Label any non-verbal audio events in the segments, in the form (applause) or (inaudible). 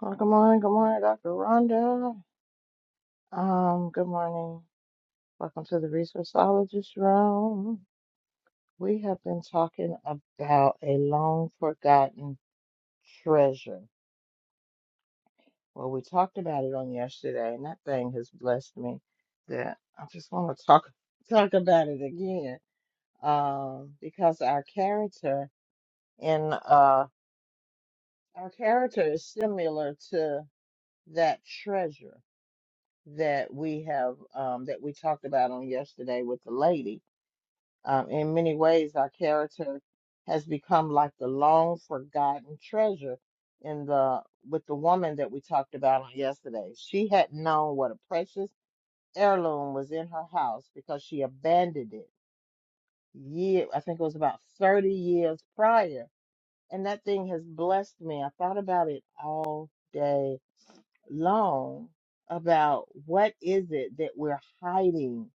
Well, good morning, good morning, Dr. Rhonda. Um, good morning. Welcome to the Resourceologist Room. We have been talking about a long forgotten treasure. Well, we talked about it on yesterday, and that thing has blessed me that I just want to talk talk about it again. Um, because our character in uh our character is similar to that treasure that we have um, that we talked about on yesterday with the lady. Um, in many ways, our character has become like the long forgotten treasure in the with the woman that we talked about on yesterday. She had known what a precious heirloom was in her house because she abandoned it. Year, I think it was about 30 years prior, and that thing has blessed me. I thought about it all day long about what is it that we're hiding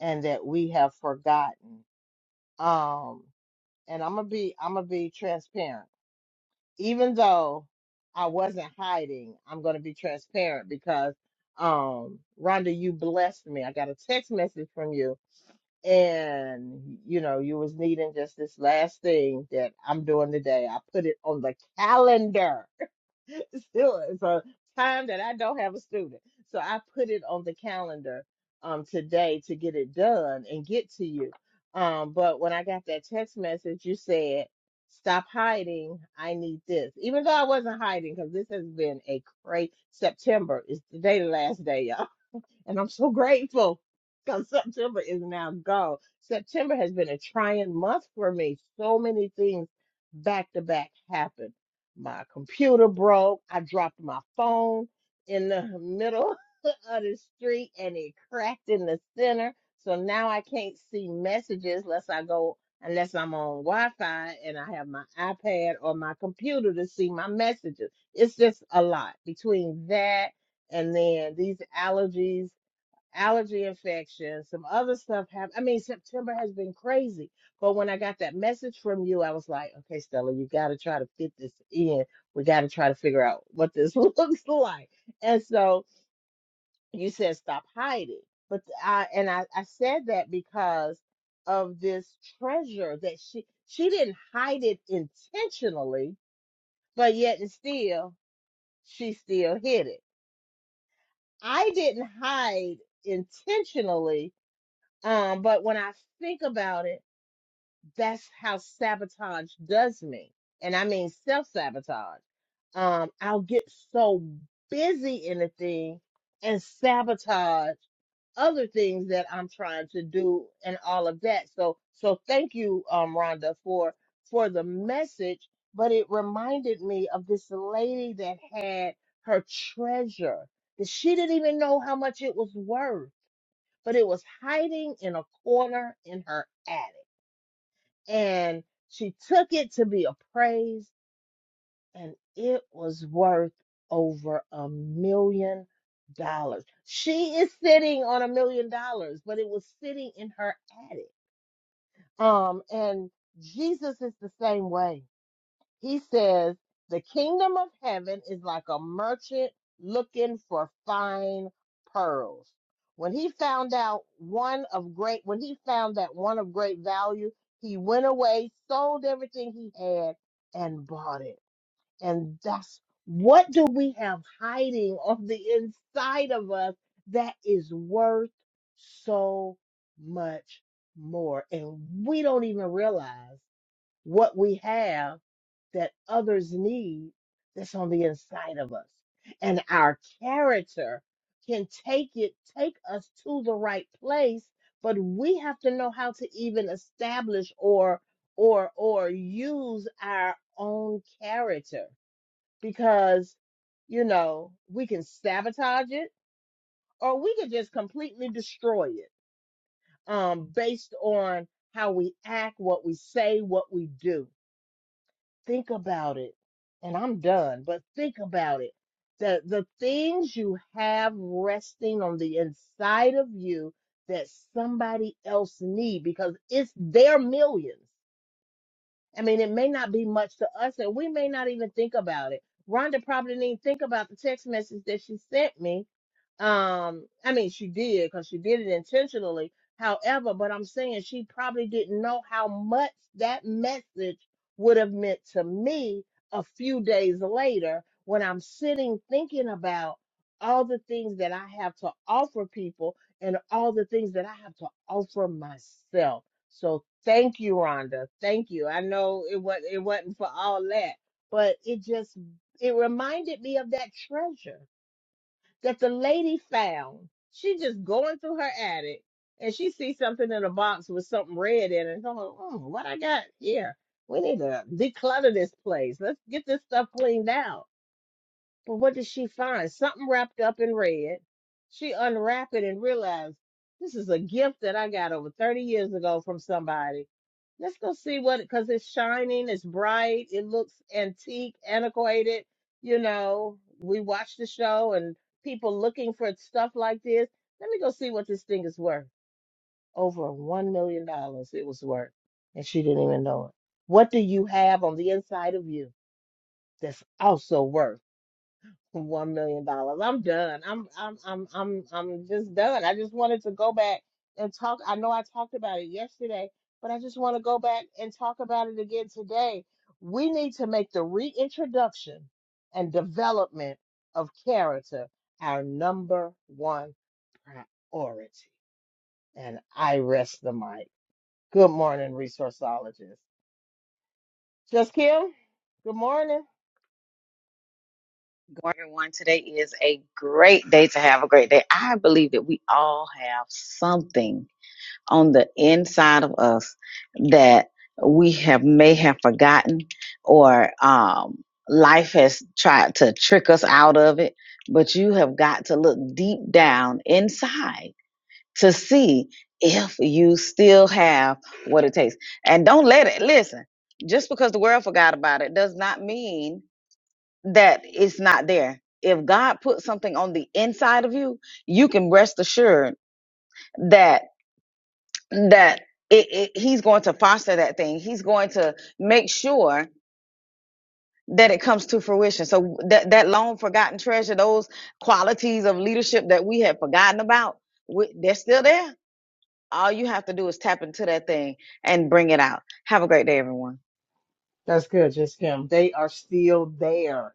and that we have forgotten. Um, and I'm gonna be I'm gonna be transparent. Even though I wasn't hiding, I'm gonna be transparent because um Rhonda, you blessed me. I got a text message from you and you know, you was needing just this last thing that I'm doing today. I put it on the calendar (laughs) still it's a time that I don't have a student. So I put it on the calendar um today to get it done and get to you. Um, but when I got that text message, you said, Stop hiding. I need this. Even though I wasn't hiding, because this has been a crazy September is today the last day, y'all. And I'm so grateful because September is now gone. September has been a trying month for me. So many things back to back happened. My computer broke. I dropped my phone in the middle (laughs) of the street and it cracked in the center. So now I can't see messages unless I go unless I'm on Wi-Fi and I have my iPad or my computer to see my messages. It's just a lot between that and then these allergies allergy infection, some other stuff happened. I mean, September has been crazy. But when I got that message from you, I was like, okay, Stella, you got to try to fit this in. We got to try to figure out what this (laughs) looks like. And so you said, stop hiding. But I, and I, I said that because of this treasure that she, she didn't hide it intentionally, but yet and still, she still hid it. I didn't hide intentionally Um, but when I think about it, that's how sabotage does me. And I mean self sabotage. Um, I'll get so busy in a thing and sabotage other things that I'm trying to do and all of that. So so thank you, um, Rhonda, for for the message. But it reminded me of this lady that had her treasure that she didn't even know how much it was worth but it was hiding in a corner in her attic. And she took it to be appraised, and it was worth over a million dollars. She is sitting on a million dollars, but it was sitting in her attic. Um, and Jesus is the same way. He says, The kingdom of heaven is like a merchant looking for fine pearls. When he found out one of great, when he found that one of great value, he went away, sold everything he had, and bought it. And that's what do we have hiding (laughs) on the inside of us that is worth so much more? And we don't even realize what we have that others need that's on the inside of us. And our character can take it, take us to the right place, but we have to know how to even establish or or or use our own character because you know we can sabotage it or we could just completely destroy it um based on how we act, what we say, what we do think about it, and I'm done, but think about it. The the things you have resting on the inside of you that somebody else need because it's their millions. I mean, it may not be much to us, and we may not even think about it. Rhonda probably didn't even think about the text message that she sent me um, I mean, she did because she did it intentionally. However, but I'm saying she probably didn't know how much that message would have meant to me a few days later when I'm sitting thinking about all the things that I have to offer people and all the things that I have to offer myself. So thank you, Rhonda. Thank you. I know it was it wasn't for all that, but it just it reminded me of that treasure that the lady found. She just going through her attic and she sees something in a box with something red in it. And i going, mm, what I got here? We need to declutter this place. Let's get this stuff cleaned out. But what did she find? Something wrapped up in red. She unwrapped it and realized this is a gift that I got over 30 years ago from somebody. Let's go see what, because it's shining, it's bright, it looks antique, antiquated. You know, we watch the show and people looking for stuff like this. Let me go see what this thing is worth. Over $1 million dollars it was worth. And she didn't even know it. What do you have on the inside of you that's also worth? One million dollars. I'm done. I'm I'm I'm I'm I'm just done. I just wanted to go back and talk. I know I talked about it yesterday, but I just want to go back and talk about it again today. We need to make the reintroduction and development of character our number one priority. And I rest the mic. Good morning, resourceologist. Just Kim. Good morning. Going to one today is a great day to have a great day. I believe that we all have something on the inside of us that we have may have forgotten or um life has tried to trick us out of it, but you have got to look deep down inside to see if you still have what it takes. And don't let it listen. Just because the world forgot about it does not mean that it's not there. If God put something on the inside of you, you can rest assured that that it, it, He's going to foster that thing. He's going to make sure that it comes to fruition. So that that long forgotten treasure, those qualities of leadership that we had forgotten about, we, they're still there. All you have to do is tap into that thing and bring it out. Have a great day, everyone. That's good, Just Kim. They are still there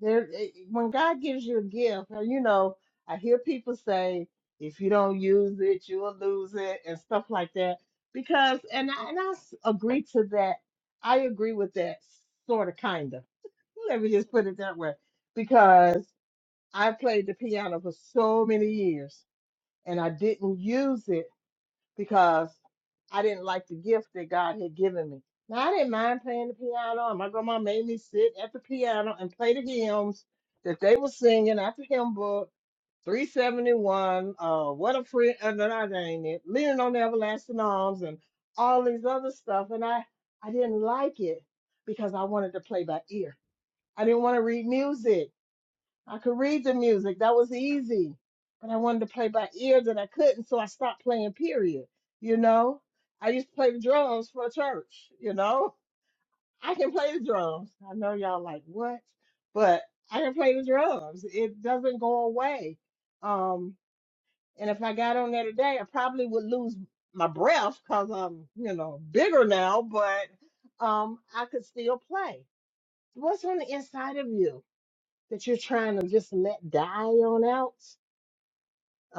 there it- when God gives you a gift, and you know, I hear people say, if you don't use it, you'll lose it and stuff like that. Because and I, and I s- agree to that. I agree with that sort of kind of. (laughs) Let me just put it that way. Because I played the piano for so many years and I didn't use it because I didn't like the gift that God had given me. Now I didn't mind playing the piano, and my grandma made me sit at the piano and play the hymns that they were singing at the hymn book, 371, uh, What a Friend, and then I ain't it, Leaning on the Everlasting Arms, and all these other stuff. And I, I didn't like it because I wanted to play by ear. I didn't want to read music. I could read the music. That was easy. But I wanted to play by ear that I couldn't, so I stopped playing, period. You know? I used to play the drums for church, you know? (laughs) I can play the drums. I know y'all like what? But I can play the drums. It doesn't go away. Um, and if I got on there today, I probably would lose my breath because I'm, you know, bigger now, but um I could still play. What's on the inside of you? that you're trying to just let die on out.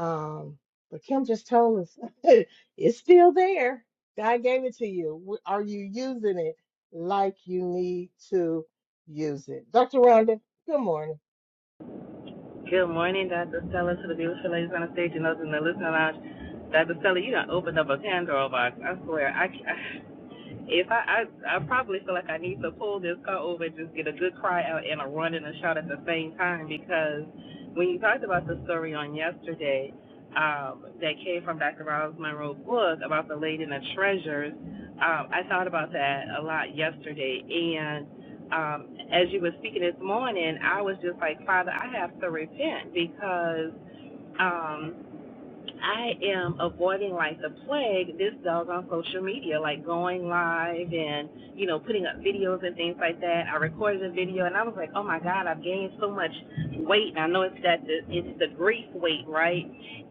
Um, but Kim just told us (laughs) it's still there. God gave it to you. W- Are you using it like you need to use it? Dr. Rhonda, good morning. Good morning, Dr. Stella, to the beautiful ladies on the stage and those in the listening lounge. Dr. Stella, you done opened up a Pandora box. I swear. I, I (sighs) if I, I I probably feel like I need to pull this car over and just get a good cry out and a run and a shout at the same time because when you talked about the story on yesterday um, that came from Dr. Ross Monroe's book about the lady and the treasures, um, I thought about that a lot yesterday and um, as you were speaking this morning, I was just like, Father, I have to repent because um, I am avoiding like the plague this dog on social media, like going live and, you know, putting up videos and things like that. I recorded a video and I was like, oh my God, I've gained so much weight. And I know it's that, the, it's the grief weight, right?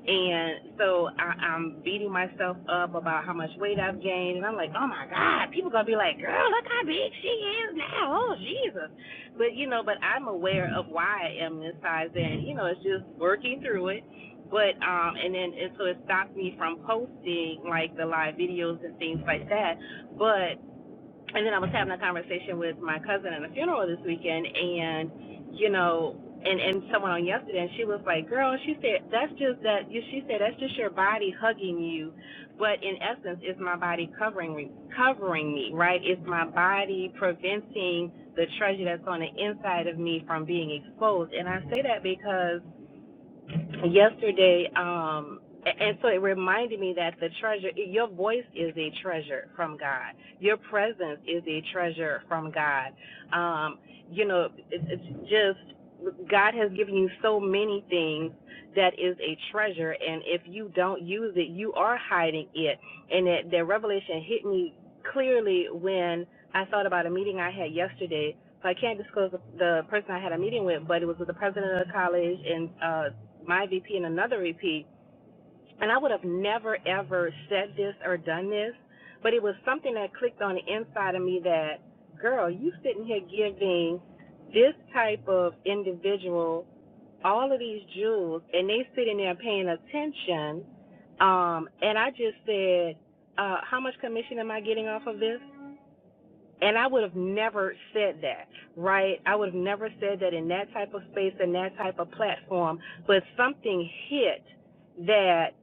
And so I, I'm beating myself up about how much weight I've gained. And I'm like, oh my God, people going to be like, girl, look how big she is now. Oh, Jesus. But, you know, but I'm aware of why I am this size. And, you know, it's just working through it but um, and then and so it stopped me from posting like the live videos and things like that. But and then I was having a conversation with my cousin at a funeral this weekend, and you know, and and someone on yesterday, and she was like, "Girl," she said, "That's just that." you She said, "That's just your body hugging you." But in essence, it's my body covering me, covering me, right? It's my body preventing the treasure that's on the inside of me from being exposed. And I say that because yesterday um and so it reminded me that the treasure your voice is a treasure from god your presence is a treasure from god um you know it, it's just god has given you so many things that is a treasure and if you don't use it you are hiding it and that that revelation hit me clearly when i thought about a meeting i had yesterday so i can't disclose the the person i had a meeting with but it was with the president of the college and uh my VP and another VP, and I would have never ever said this or done this, but it was something that clicked on the inside of me that, girl, you sitting here giving this type of individual all of these jewels, and they sitting there paying attention. Um, and I just said, uh, how much commission am I getting off of this? And I would have never said that, right? I would have never said that in that type of space and that type of platform, but something hit that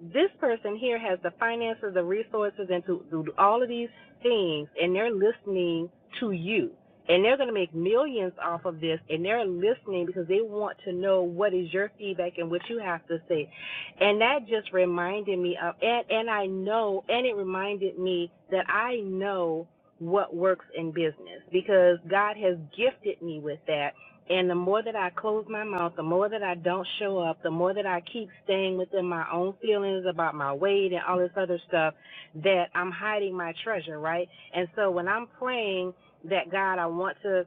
this person here has the finances, the resources, and to do all of these things, and they're listening to you. And they're going to make millions off of this, and they're listening because they want to know what is your feedback and what you have to say. And that just reminded me of, and, and I know, and it reminded me that I know what works in business because God has gifted me with that. And the more that I close my mouth, the more that I don't show up, the more that I keep staying within my own feelings about my weight and all this other stuff, that I'm hiding my treasure, right? And so when I'm praying that God, I want to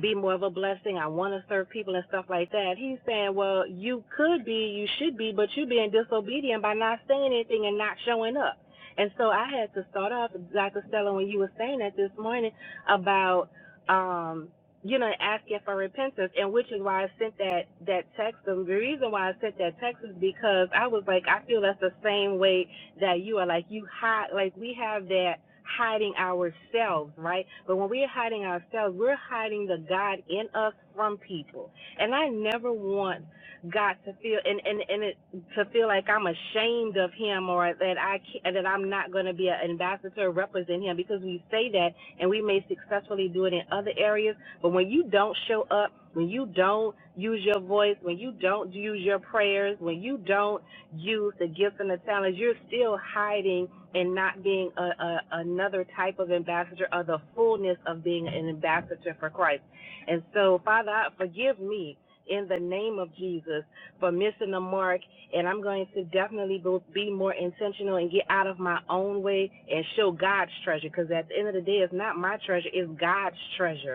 be more of a blessing. I want to serve people and stuff like that. He's saying, well, you could be, you should be, but you're being disobedient by not saying anything and not showing up. And so I had to start off, Dr. Stella, when you were saying that this morning about, um, you know, asking for repentance, and which is why I sent that that text. The reason why I sent that text is because I was like, I feel that's the same way that you are like you hide like we have that hiding ourselves right but when we're hiding ourselves we're hiding the god in us from people and i never want god to feel and and, and it, to feel like i'm ashamed of him or that i can that i'm not going to be an ambassador represent him because we say that and we may successfully do it in other areas but when you don't show up when you don't use your voice when you don't use your prayers when you don't use the gifts and the talents, you're still hiding and not being a, a, another type of ambassador or the fullness of being an ambassador for Christ. And so, Father, I- forgive me in the name of Jesus for missing the mark. And I'm going to definitely be more intentional and get out of my own way and show God's treasure because at the end of the day, it's not my treasure, it's God's treasure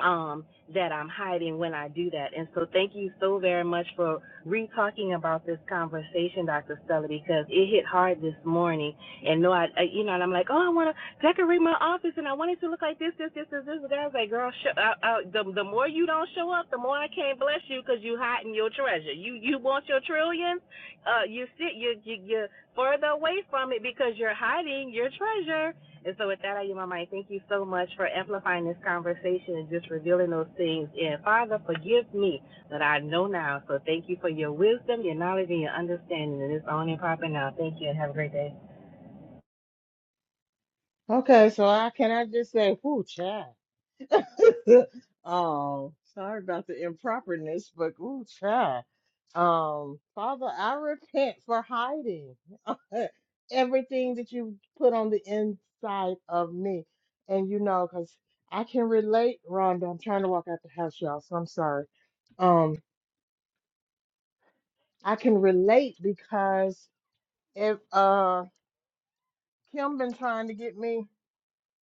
um, that I'm hiding when I do that. And so thank you so very much for re-talking about this conversation, Dr. Stella, because it hit hard this morning. And no, I, I you know, and I'm like, oh, I want to decorate my office and I want it to look like this, this, this, this, this. The guy was like, girl, sh- I, I, the, the more you don't show up, the more I can't bless you because you hiding your treasure. You, you want your trillions? Uh, you sit, you, you, you're further away from it because you're hiding your treasure. And so with that, I give my mind. Thank you so much for amplifying this conversation and just revealing those things. And Father, forgive me that I know now. So thank you for your wisdom, your knowledge, and your understanding. And it's on and popping now. Thank you and have a great day. Okay, so I can I just say, ooh, child. (laughs) oh, sorry about the improperness, but ooh, child. Um, Father, I repent for hiding. Uh, everything that you put on the inside of me. And you know, because I can relate, Rhonda. I'm trying to walk out the house, y'all, so I'm sorry. Um, I can relate because if uh Kim been trying to get me.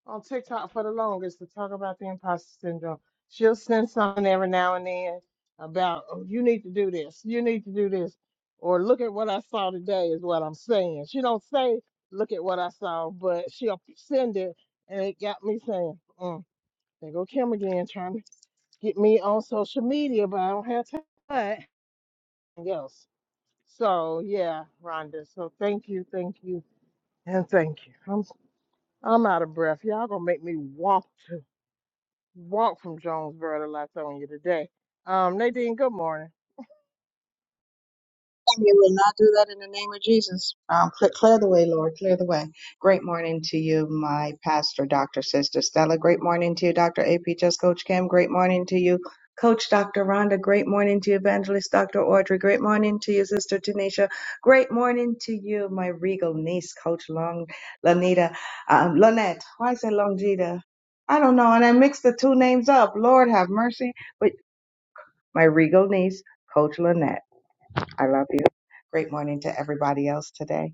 on TikTok for the longest to talk about the imposter syndrome. She'll send something every now and then about, oh, you need to do this, you need to do this, or look at what I saw today is what I'm saying. She don't say, look at what I saw, but she'll send it, and it got me saying, mm, there go Kim again trying to get me on social media, but I don't have time for anything else. So yeah, Rhonda. So thank you, thank you, and thank you. I'm I'm out of breath. Y'all gonna make me walk Walk from Jonesboro to Latonia today. Um, Nadine, good morning. You will not do that in the name of Jesus. Um, clear, clear the way, Lord. Clear the way. Great morning to you, my pastor, Dr. Sister Stella. Great morning to you, Dr. AP, just Coach Kim. Great morning to you, Coach Dr. Rhonda. Great morning to you, Evangelist Dr. Audrey. Great morning to you, Sister Tanisha. Great morning to you, my regal niece, Coach Long, Lanita, um, Lonette. Why is it Longita? I don't know. And I mixed the two names up. Lord have mercy. But my regal niece, Coach Lonette. I love you. Great morning to everybody else today.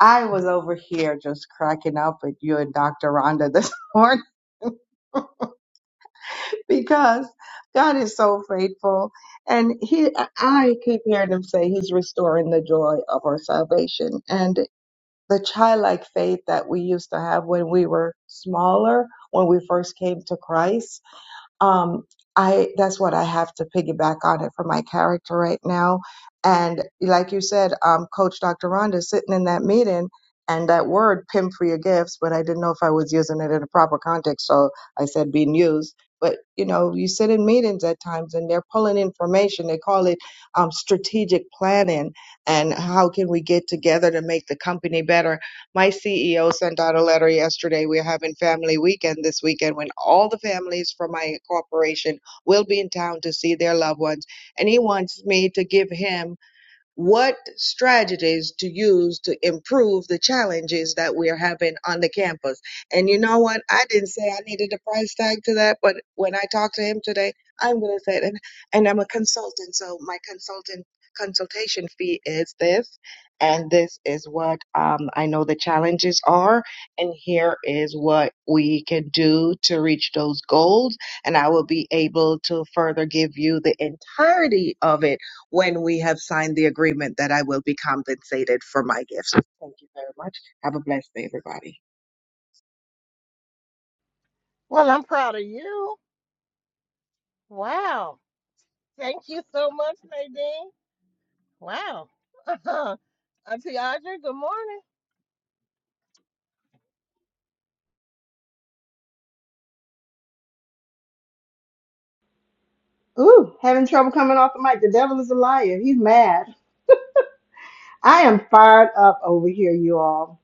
I was over here just cracking up with you and Dr. Rhonda this (laughs) morning because God is so faithful. And he, I keep hearing him say he's restoring the joy of our salvation and the childlike faith that we used to have when we were smaller, when we first came to Christ um i that's what i have to piggyback on it for my character right now and like you said um coach dr rhonda sitting in that meeting and that word pimp for your gifts but i didn't know if i was using it in a proper context so i said being used but you know you sit in meetings at times and they're pulling information they call it um, strategic planning and how can we get together to make the company better my CEO sent out a letter yesterday. We're having family weekend this weekend when all the families from my corporation will be in town to see their loved ones. And he wants me to give him what strategies to use to improve the challenges that we're having on the campus. And you know what? I didn't say I needed a price tag to that, but when I talked to him today, I'm going to say it. And, and I'm a consultant, so my consultant consultation fee is this. And this is what um, I know the challenges are. And here is what we can do to reach those goals. And I will be able to further give you the entirety of it when we have signed the agreement that I will be compensated for my gifts. Thank you very much. Have a blessed day, everybody. Well, I'm proud of you. Wow. Thank you so much, Nadine. Wow. (laughs) Auntie Audrey, good morning. Ooh, having trouble coming off the mic. The devil is a liar. He's mad. I am fired up over here, you all.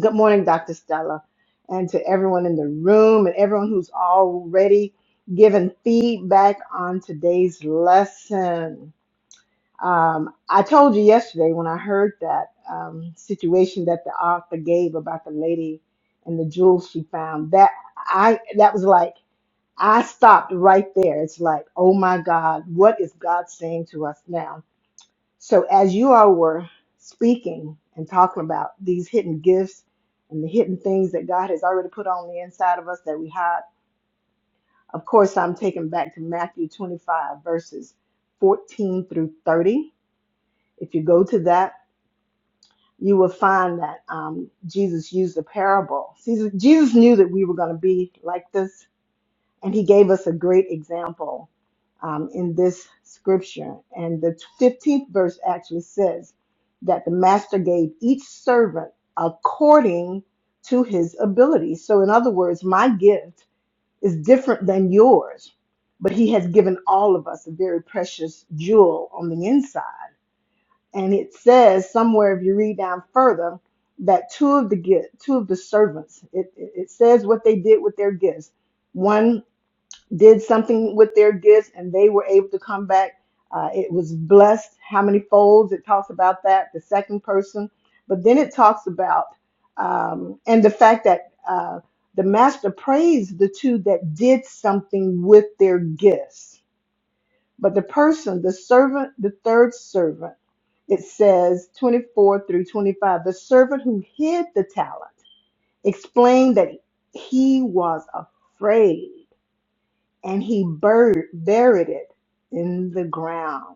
Good morning, Dr. Stella, and to everyone in the room and everyone who's already given feedback on today's lesson. Um, I told you yesterday when I heard that um, situation that the author gave about the lady and the jewels she found. That I that was like I stopped right there. It's like, oh my God, what is God saying to us now? So as you all were speaking and talking about these hidden gifts and the hidden things that God has already put on the inside of us that we hide, of course, I'm taken back to Matthew 25, verses 14 through 30. If you go to that, you will find that um, Jesus used a parable. Jesus Jesus knew that we were going to be like this And he gave us a great example um, in this scripture. And the 15th verse actually says that the master gave each servant according to his ability. So, in other words, my gift is different than yours, but he has given all of us a very precious jewel on the inside. And it says somewhere, if you read down further, that two of the gift, two of the servants, it, it it says what they did with their gifts. One did something with their gifts and they were able to come back. Uh, it was blessed. How many folds? It talks about that, the second person. But then it talks about, um, and the fact that uh, the master praised the two that did something with their gifts. But the person, the servant, the third servant, it says 24 through 25, the servant who hid the talent explained that he was afraid and he bur- buried it in the ground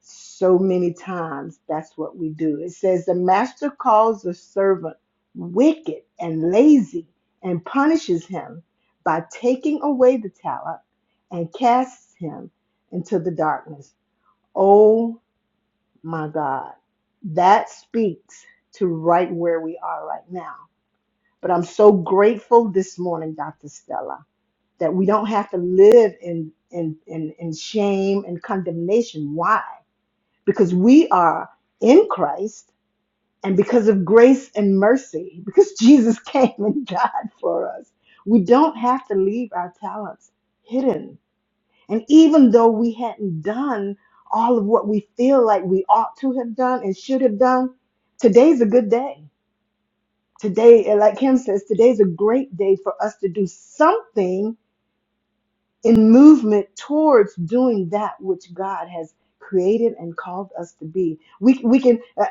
so many times. That's what we do. It says, The master calls the servant wicked and lazy and punishes him by taking away the talent and casts him into the darkness. Oh my God. That speaks to right where we are right now. But I'm so grateful this morning, Dr. Stella that we don't have to live in in in, in shame and condemnation why because we are in christ and because of grace and mercy because (laughs) jesus came and died for us we don't have to leave our talents hidden and even though we hadn't done all of what we feel like we ought to have done and should have done today's a good day today like kim says today's a great day for us to do something in movement towards doing that which God has created and called us to be. We we can, uh,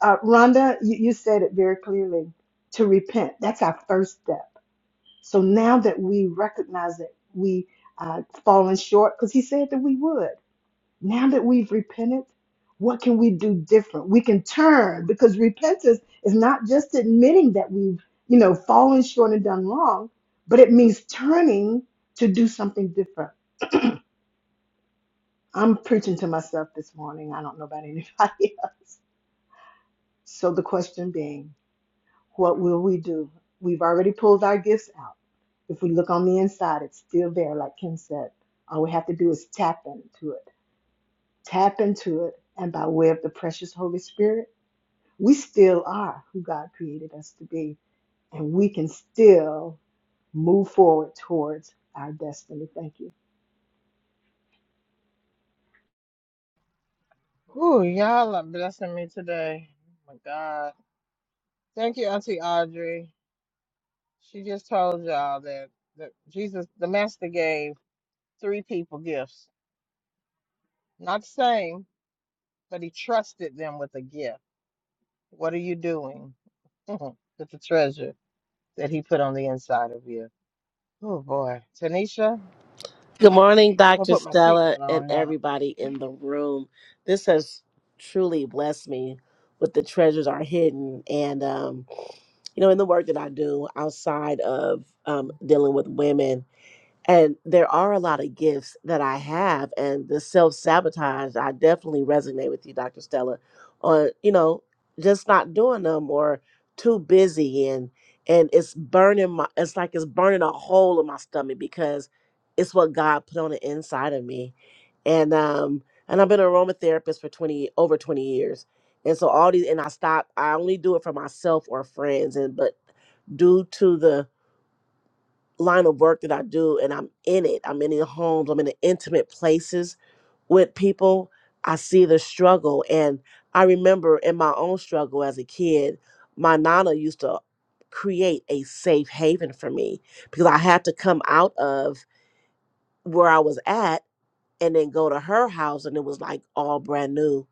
uh, Rhonda, you, you said it very clearly. To repent, that's our first step. So now that we recognize that we uh, fallen short, because He said that we would. Now that we've repented, what can we do different? We can turn because repentance is not just admitting that we've you know fallen short and done wrong, but it means turning to do something different I'm preaching to myself this morning. I don't know about anybody (laughs) else. So the question being, what will we do? We've already pulled our gifts out. If we look on the inside, it's still there, like Kim said. All we have to do is tap into it. Tap into it. And by way of the precious Holy Spirit, we still are who God created us to be. And we can still move forward towards our destiny. Thank you. Ooh, y'all are blessing me today. Oh my God. Thank you, Auntie Audrey. She just told y'all that, that Jesus, the Master gave three people gifts. Not the same, but he trusted them with a gift. What are you doing (laughs) with the treasure? that he put on the inside of you. Oh boy, Tanisha, Good morning, I'll Dr. put my Stella, seatbelt and on now. everybody in the room. This has truly blessed me with the treasures are hidden. And, um, you know, in the work that I do outside of um, dealing with women, and there are a lot of gifts that I have, and the self sabotage, I definitely resonate with you, Dr. Stella, on, you know, just not doing them or too busy and and it's burning my it's like it's burning a hole in my stomach because it's what God put on the inside of me. And um and I've been an aromatherapist for 20 over 20 years. And so all these and I stopped I only do it for myself or friends and but due to the line of work that I do and I'm in it, I'm in the homes, I'm in the intimate places with people, I see the struggle. And I remember in my own struggle as a kid, my nana used to create a safe haven for me because I had to come out of where I was at and then go to her house and it was like all brand new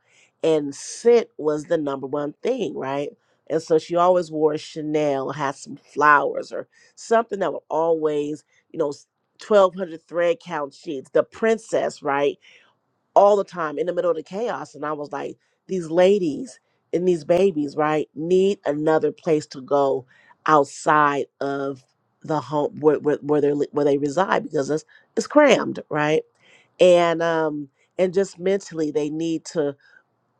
and scent was the number one thing right and so she always wore chanel had some flowers or something that would always you know s- 1200 thread count sheets the princess right all the time in the middle of the chaos and i was like these ladies and these babies right need another place to go outside of the home where, where, where they li- where they reside because it's it's crammed right and um and just mentally they need to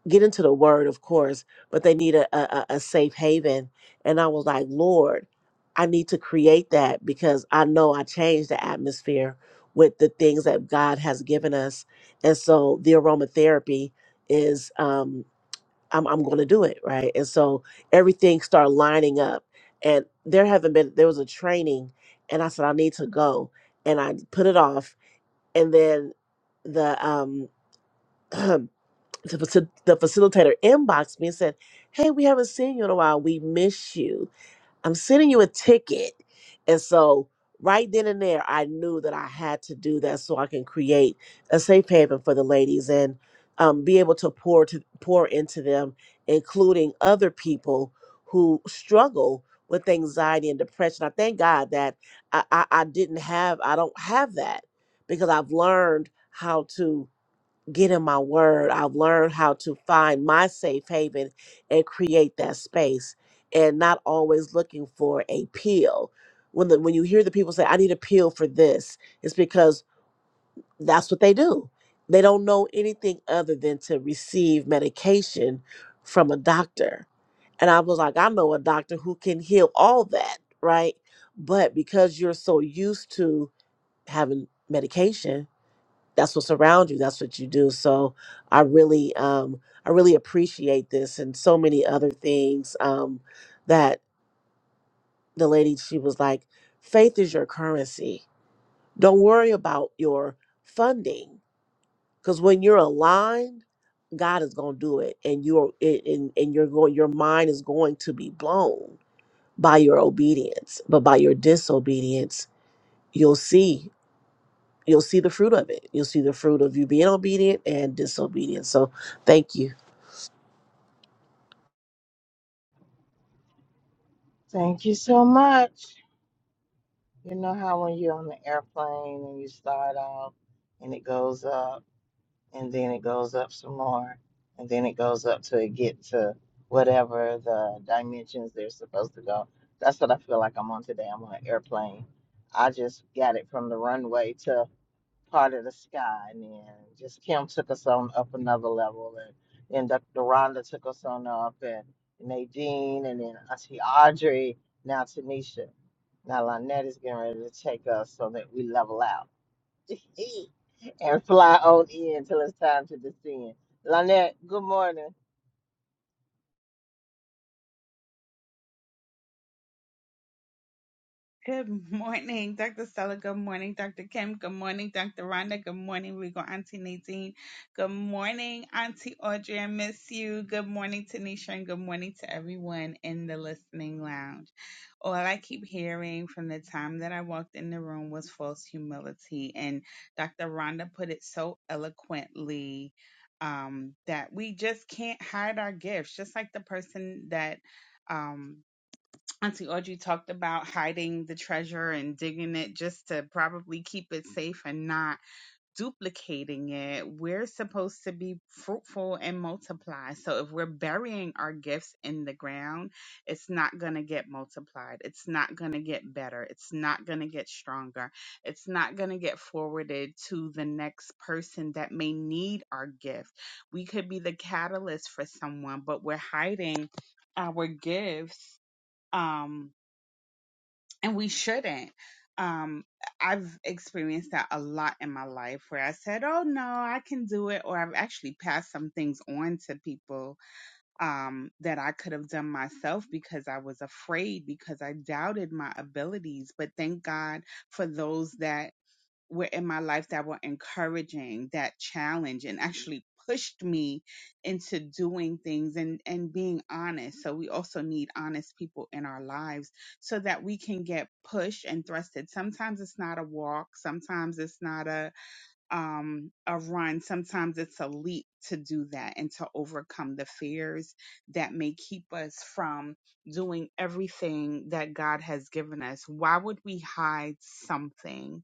get into the word of course but they need a a, a a safe haven and i was like lord i need to create that because i know i changed the atmosphere with the things that god has given us and so the aromatherapy is um i'm, I'm going to do it right and so everything started lining up and there haven't been there was a training and i said i need to go and i put it off and then the um (clears throat) the, facil- the facilitator inboxed me and said, Hey, we haven't seen you in a while. We miss you. I'm sending you a ticket. And so, right then and there, I knew that I had to do that so I can create a safe haven for the ladies and um, be able to pour to pour into them, including other people who struggle with anxiety and depression. I thank God that I, I, I didn't have, I don't have that because I've learned how to get in my word. I've learned how to find my safe haven and create that space and not always looking for a pill. When the, when you hear the people say, I need a pill for this, it's because that's what they do. They don't know anything other than to receive medication from a doctor. And I was like, I know a doctor who can heal all that, right? But because you're so used to having medication, that's what's around you that's what you do so i really um i really appreciate this and so many other things um that the lady she was like faith is your currency don't worry about your funding because when you're aligned god is going to do it and you're and, and and you're going your mind is going to be blown by your obedience but by your disobedience you'll see you'll see the fruit of it. You'll see the fruit of you being obedient and disobedient. So thank you. Thank you so much. You know how when you're on the airplane and you start off and it goes up and then it goes up some more and then it goes up till it get to whatever the dimensions they're supposed to go. That's what I feel like I'm on today. I'm on an airplane. I just got it from the runway to. part of the sky and then just Kim took us on up another level and then Dr. Rhonda took us on up and Nadine and then Auntie Audrey, now Tanisha. Now Lynette is getting ready to take us so that we level out (laughs) and fly on in till it's time to descend. Lynette, good morning. Good morning, Dr. Stella. Good morning, Dr. Kim. Good morning, Dr. Rhonda. Good morning, Regal Auntie Nadine. Good morning, Auntie Audrey. I miss you. Good morning, Tanisha, and good morning to everyone in the listening lounge. All I keep hearing from the time that I walked in the room was false humility. And Dr. Rhonda put it so eloquently um, that we just can't hide our gifts, just like the person that. Um, Auntie Audrey talked about hiding the treasure and digging it just to probably keep it safe and not duplicating it. We're supposed to be fruitful and multiply. So if we're burying our gifts in the ground, it's not going to get multiplied. It's not going to get better. It's not going to get stronger. It's not going to get forwarded to the next person that may need our gift. We could be the catalyst for someone, but we're hiding our gifts. Um, and we shouldn't. Um, I've experienced that a lot in my life where I said, "Oh no, I can do it," or I've actually passed some things on to people um, that I could have done myself because I was afraid because I doubted my abilities. But thank God for those that were in my life that were encouraging that challenge and actually pushed me into doing things and and being honest so we also need honest people in our lives so that we can get pushed and thrusted sometimes it's not a walk sometimes it's not a um, a run, sometimes it's a leap to do that and to overcome the fears that may keep us from doing everything that God has given us. Why would we hide something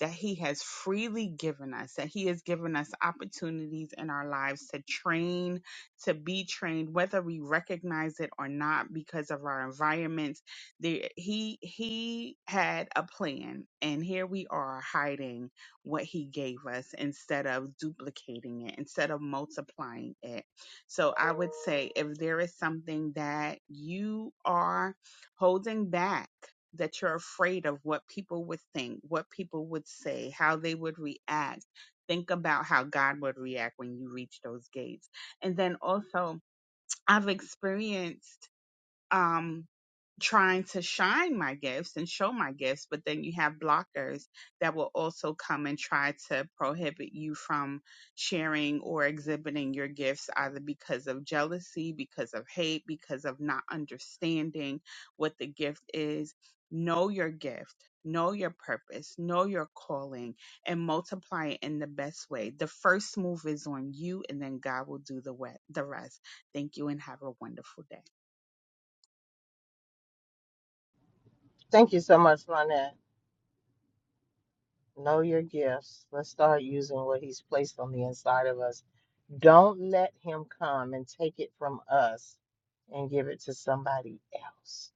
that He has freely given us, that He has given us opportunities in our lives to train, to be trained, whether we recognize it or not because of our environment? There, he, he had a plan, and here we are hiding what he gave us instead of duplicating it, instead of multiplying it. So I would say if there is something that you are holding back, that you're afraid of what people would think, what people would say, how they would react, think about how God would react when you reach those gates. And then also, I've experienced um, trying to shine my gifts and show my gifts, but then you have blockers that will also come and try to prohibit you from sharing or exhibiting your gifts either because of jealousy, because of hate, because of not understanding what the gift is. Know your gift. Know your purpose, know your calling, and multiply it in the best way. The first move is on you, and then God will do the we- the rest. Thank you, and have a wonderful day. Thank you so much, Lynette. Know your gifts. Let's start using what he's placed on the inside of us Don't let him come and take it from us and give it to somebody else.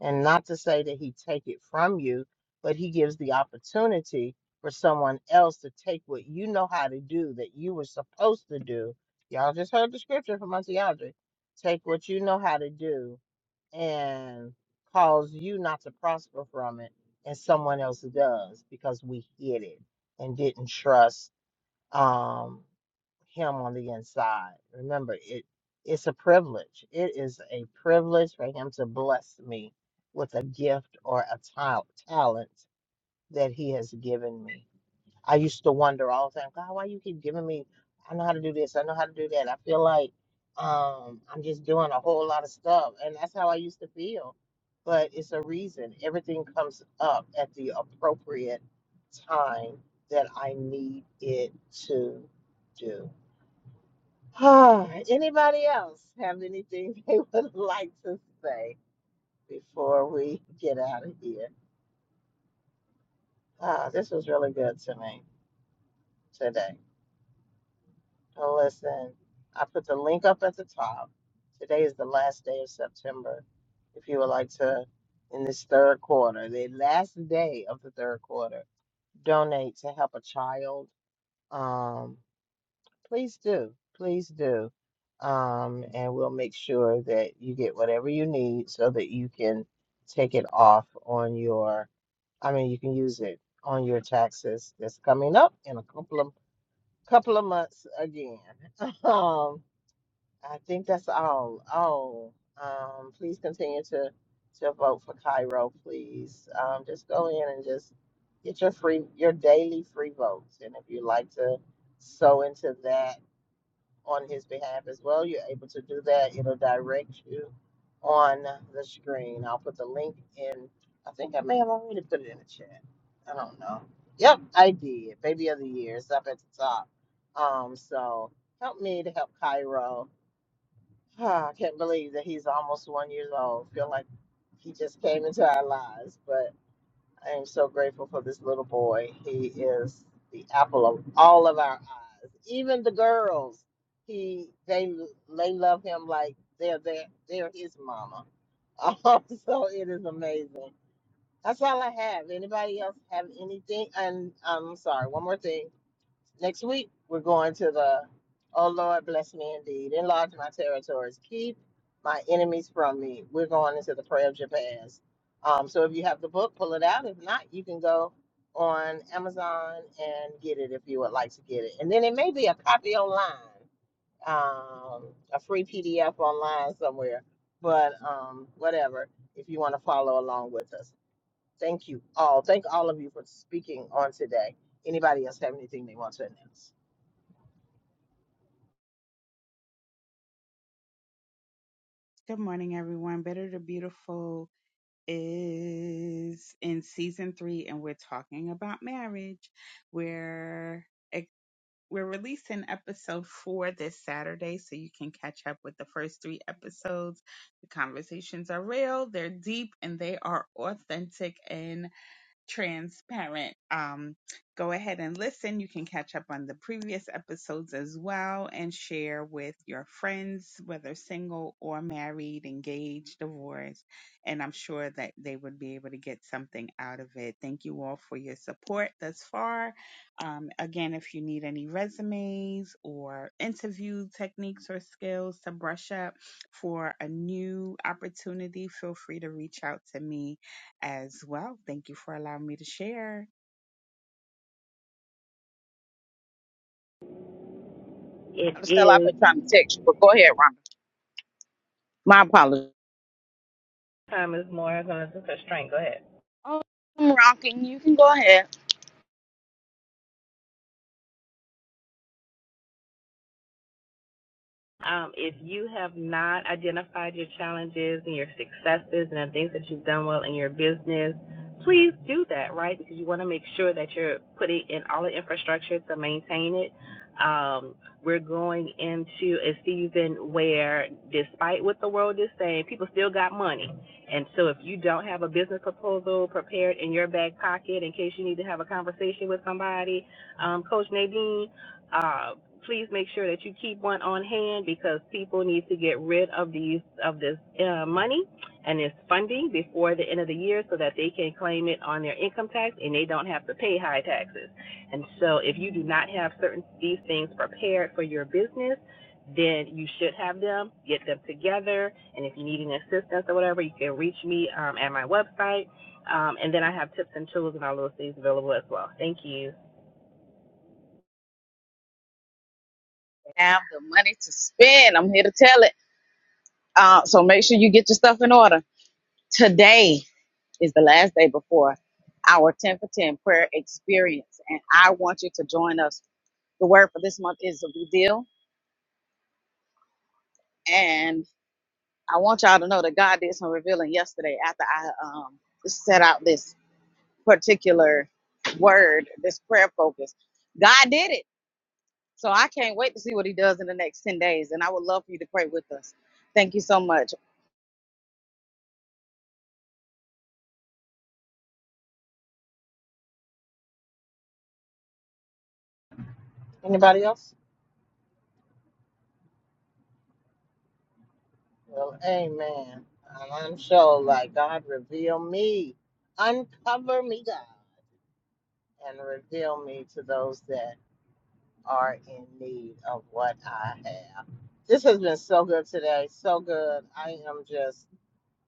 And not to say that he take it from you, but he gives the opportunity for someone else to take what you know how to do that you were supposed to do. Y'all just heard the scripture from Auntie Audrey. Take what you know how to do and cause you not to prosper from it, and someone else does because we hid it and didn't trust um, him on the inside. Remember, it it's a privilege. It is a privilege for him to bless me with a gift or a tal- talent that he has given me. I used to wonder all the time, God, why you keep giving me? I know how to do this. I know how to do that. I feel like um, I'm just doing a whole lot of stuff, and that's how I used to feel. But it's a reason. Everything comes up at the appropriate time that I need it to do. (sighs) Anybody else have anything (laughs) they would like to say before we get out of here? Ah, this was really good to me today. And Listen, I put the link up at the top. Today is the last day of September. If you would like to, in this third quarter, the last day of the third quarter, donate to help a child, um, please do. Please do. Um, and we'll make sure that you get whatever you need so that you can take it off on your, I mean, you can use it on your taxes that's coming up in a couple of couple of months again. (laughs) Um, I think that's all. Oh, Um, please continue to to vote for Cairo, please. Um, just go in and just get your free your daily free votes. And if you'd like to sow into that on his behalf as well, you're able to do that. It'll direct you on the screen. I'll put the link in. I think I may have already put it in the chat. I don't know. Yep, I did. Baby of the year. It's up at the top. Um, so help me to help Cairo Ah, I can't believe that he's almost one years old. Feel like he just came into our lives, but I am so grateful for this little boy. He is the apple of all of our eyes. Even the girls, he they they love him like they're they're, they're his mama. (laughs) Um, so it is amazing. That's all I have. Anybody else have anything? And um, I'm sorry, one more thing. Next week, we're going to the, oh Lord, bless me indeed. Enlarge my territories. Keep my enemies from me. We're going into the prayer of Jabez. Um, so if you have the book, pull it out. If not, you can go on Amazon and get it if you would like to get it. And then it may be a copy online, um, a free PDF online somewhere. But um, whatever, if you want to follow along with us. Thank you all. Thank all of you for speaking on today. Anybody else have anything they want to announce? Good morning, everyone. Better to Beautiful is in season three, and we're talking about marriage. We're ex- we're releasing episode four this Saturday, so you can catch up with the first three episodes. The conversations are real, they're deep, and they are authentic. And transparent. Um, go ahead and listen. You can catch up on the previous episodes as well and share with your friends, whether single or married, engaged, divorced. And I'm sure that they would be able to get something out of it. Thank you all for your support thus far. Um, again, if you need any resumes or interview techniques or skills to brush up for a new opportunity, feel free to reach out to me as well. Thank you for allowing me to share. It Stella, I've is. been trying to text you, but go ahead, Rhonda. My apologies. Time is more. I'm going to just a strength. Go ahead. Oh, I'm rocking. You can go ahead. Um, if you have not identified your challenges and your successes and the things that you've done well in your business, please do that, right? Because you want to make sure that you're putting in all the infrastructure to maintain it. Um, we're going into a season where, despite what the world is saying, people still got money. And so, if you don't have a business proposal prepared in your back pocket in case you need to have a conversation with somebody, um, Coach Nadine, uh, please make sure that you keep one on hand because people need to get rid of these of this uh, money and this funding before the end of the year so that they can claim it on their income tax and they don't have to pay high taxes. And so if you do not have certain these things prepared for your business, then you should have them, get them together, and if you need any assistance or whatever, you can reach me um, at my website. Um, and then I have tips and tools and all those things available as well. Thank you. have the money to spend. I'm here to tell it. Uh, so make sure you get your stuff in order. Today is the last day before our 10 for 10 prayer experience. And I want you to join us. The word for this month is reveal. And I want y'all to know that God did some revealing yesterday after I um, set out this particular word, this prayer focus. God did it. So I can't wait to see what he does in the next 10 days. And I would love for you to pray with us. Thank you so much. Anybody else? Well, amen. And I'm sure, like, God, reveal me, uncover me, God, and reveal me to those that are in need of what I have. This has been so good today, so good. I am just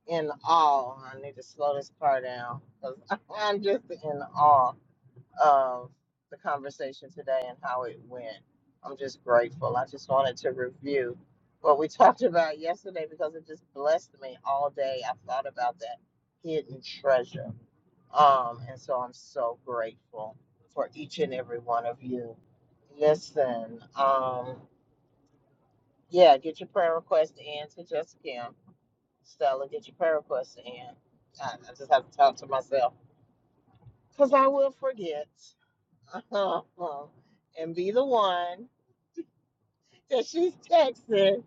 in awe. I need to slow this car down because (laughs) I'm just in awe of the conversation today and how it went. I'm just grateful. I just wanted to review what we (laughs) talked about yesterday because it just blessed me all day. I thought about that hidden treasure. Um, and so I'm so grateful for each and every one of you. Listen, um, yeah, get your prayer request in to Jessica. Kim. Stella, get your prayer request in. I, I just have to talk to myself because I will forget. (laughs) and be the one that she's texting,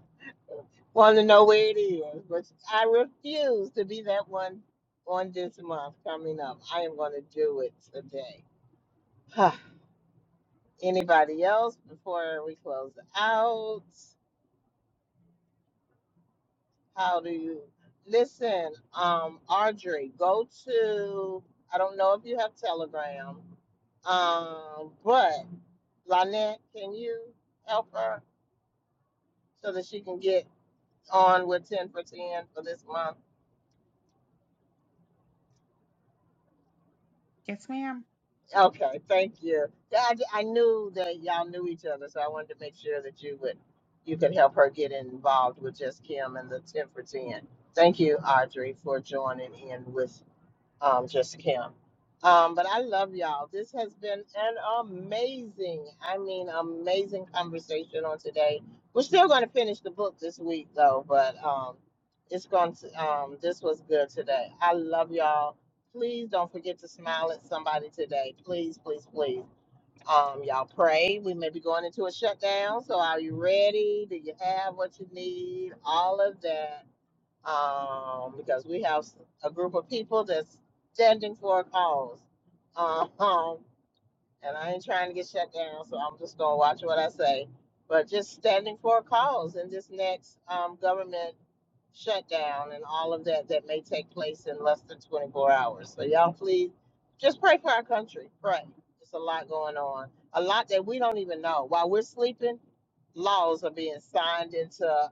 want to know where it is. But I refuse to be that one on this month coming up. I am going to do it today. (sighs) Anybody else before we close out? How do you listen? Um, Audrey, go to. I don't know if you have Telegram, um, but Lynette, can you help her so that she can get on with 10 for 10 for this month? Yes, ma'am. Okay, thank you. Yeah, I, I knew that y'all knew each other, so I wanted to make sure that you would you could help her get involved with just Kim and the 10 for 10. Thank you, Audrey, for joining in with um, just Kim. Um, but I love y'all. This has been an amazing, I mean, amazing conversation on today. We're still going to finish the book this week, though, but um, it's going to, um, this was good today. I love y'all. Please don't forget to smile at somebody today. Please, please, please. Um, y'all pray. We may be going into a shutdown. So, are you ready? Do you have what you need? All of that um, because we have a group of people that's standing for a cause. Um, and I ain't trying to get shut down, so I'm just going to watch what I say. But just standing for a cause in this next um, government shutdown and all of that that may take place in less than 24 hours. So, y'all, please just pray for our country. Pray. It's a lot going on, a lot that we don't even know. While we're sleeping, laws are being signed into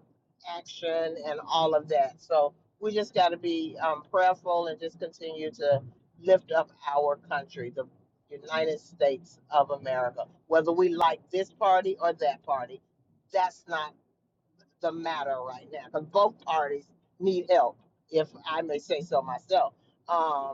action and all of that. So we just got to be um, prayerful and just continue to lift up our country, the United States of America. Whether we like this party or that party, that's not the matter right now because both parties need help, if I may say so myself. Um,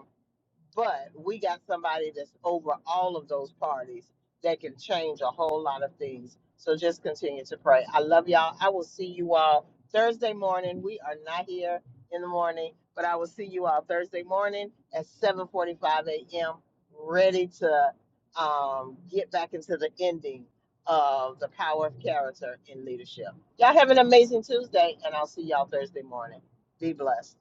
but we got somebody that's over all of those parties that can change a whole lot of things. So just continue to pray. I love y'all. I will see you all Thursday morning. We are not here in the morning, but I will see you all Thursday morning at 7:45 a.m. ready to um, get back into the ending of the power of character in leadership. Y'all have an amazing Tuesday, and I'll see y'all Thursday morning. Be blessed.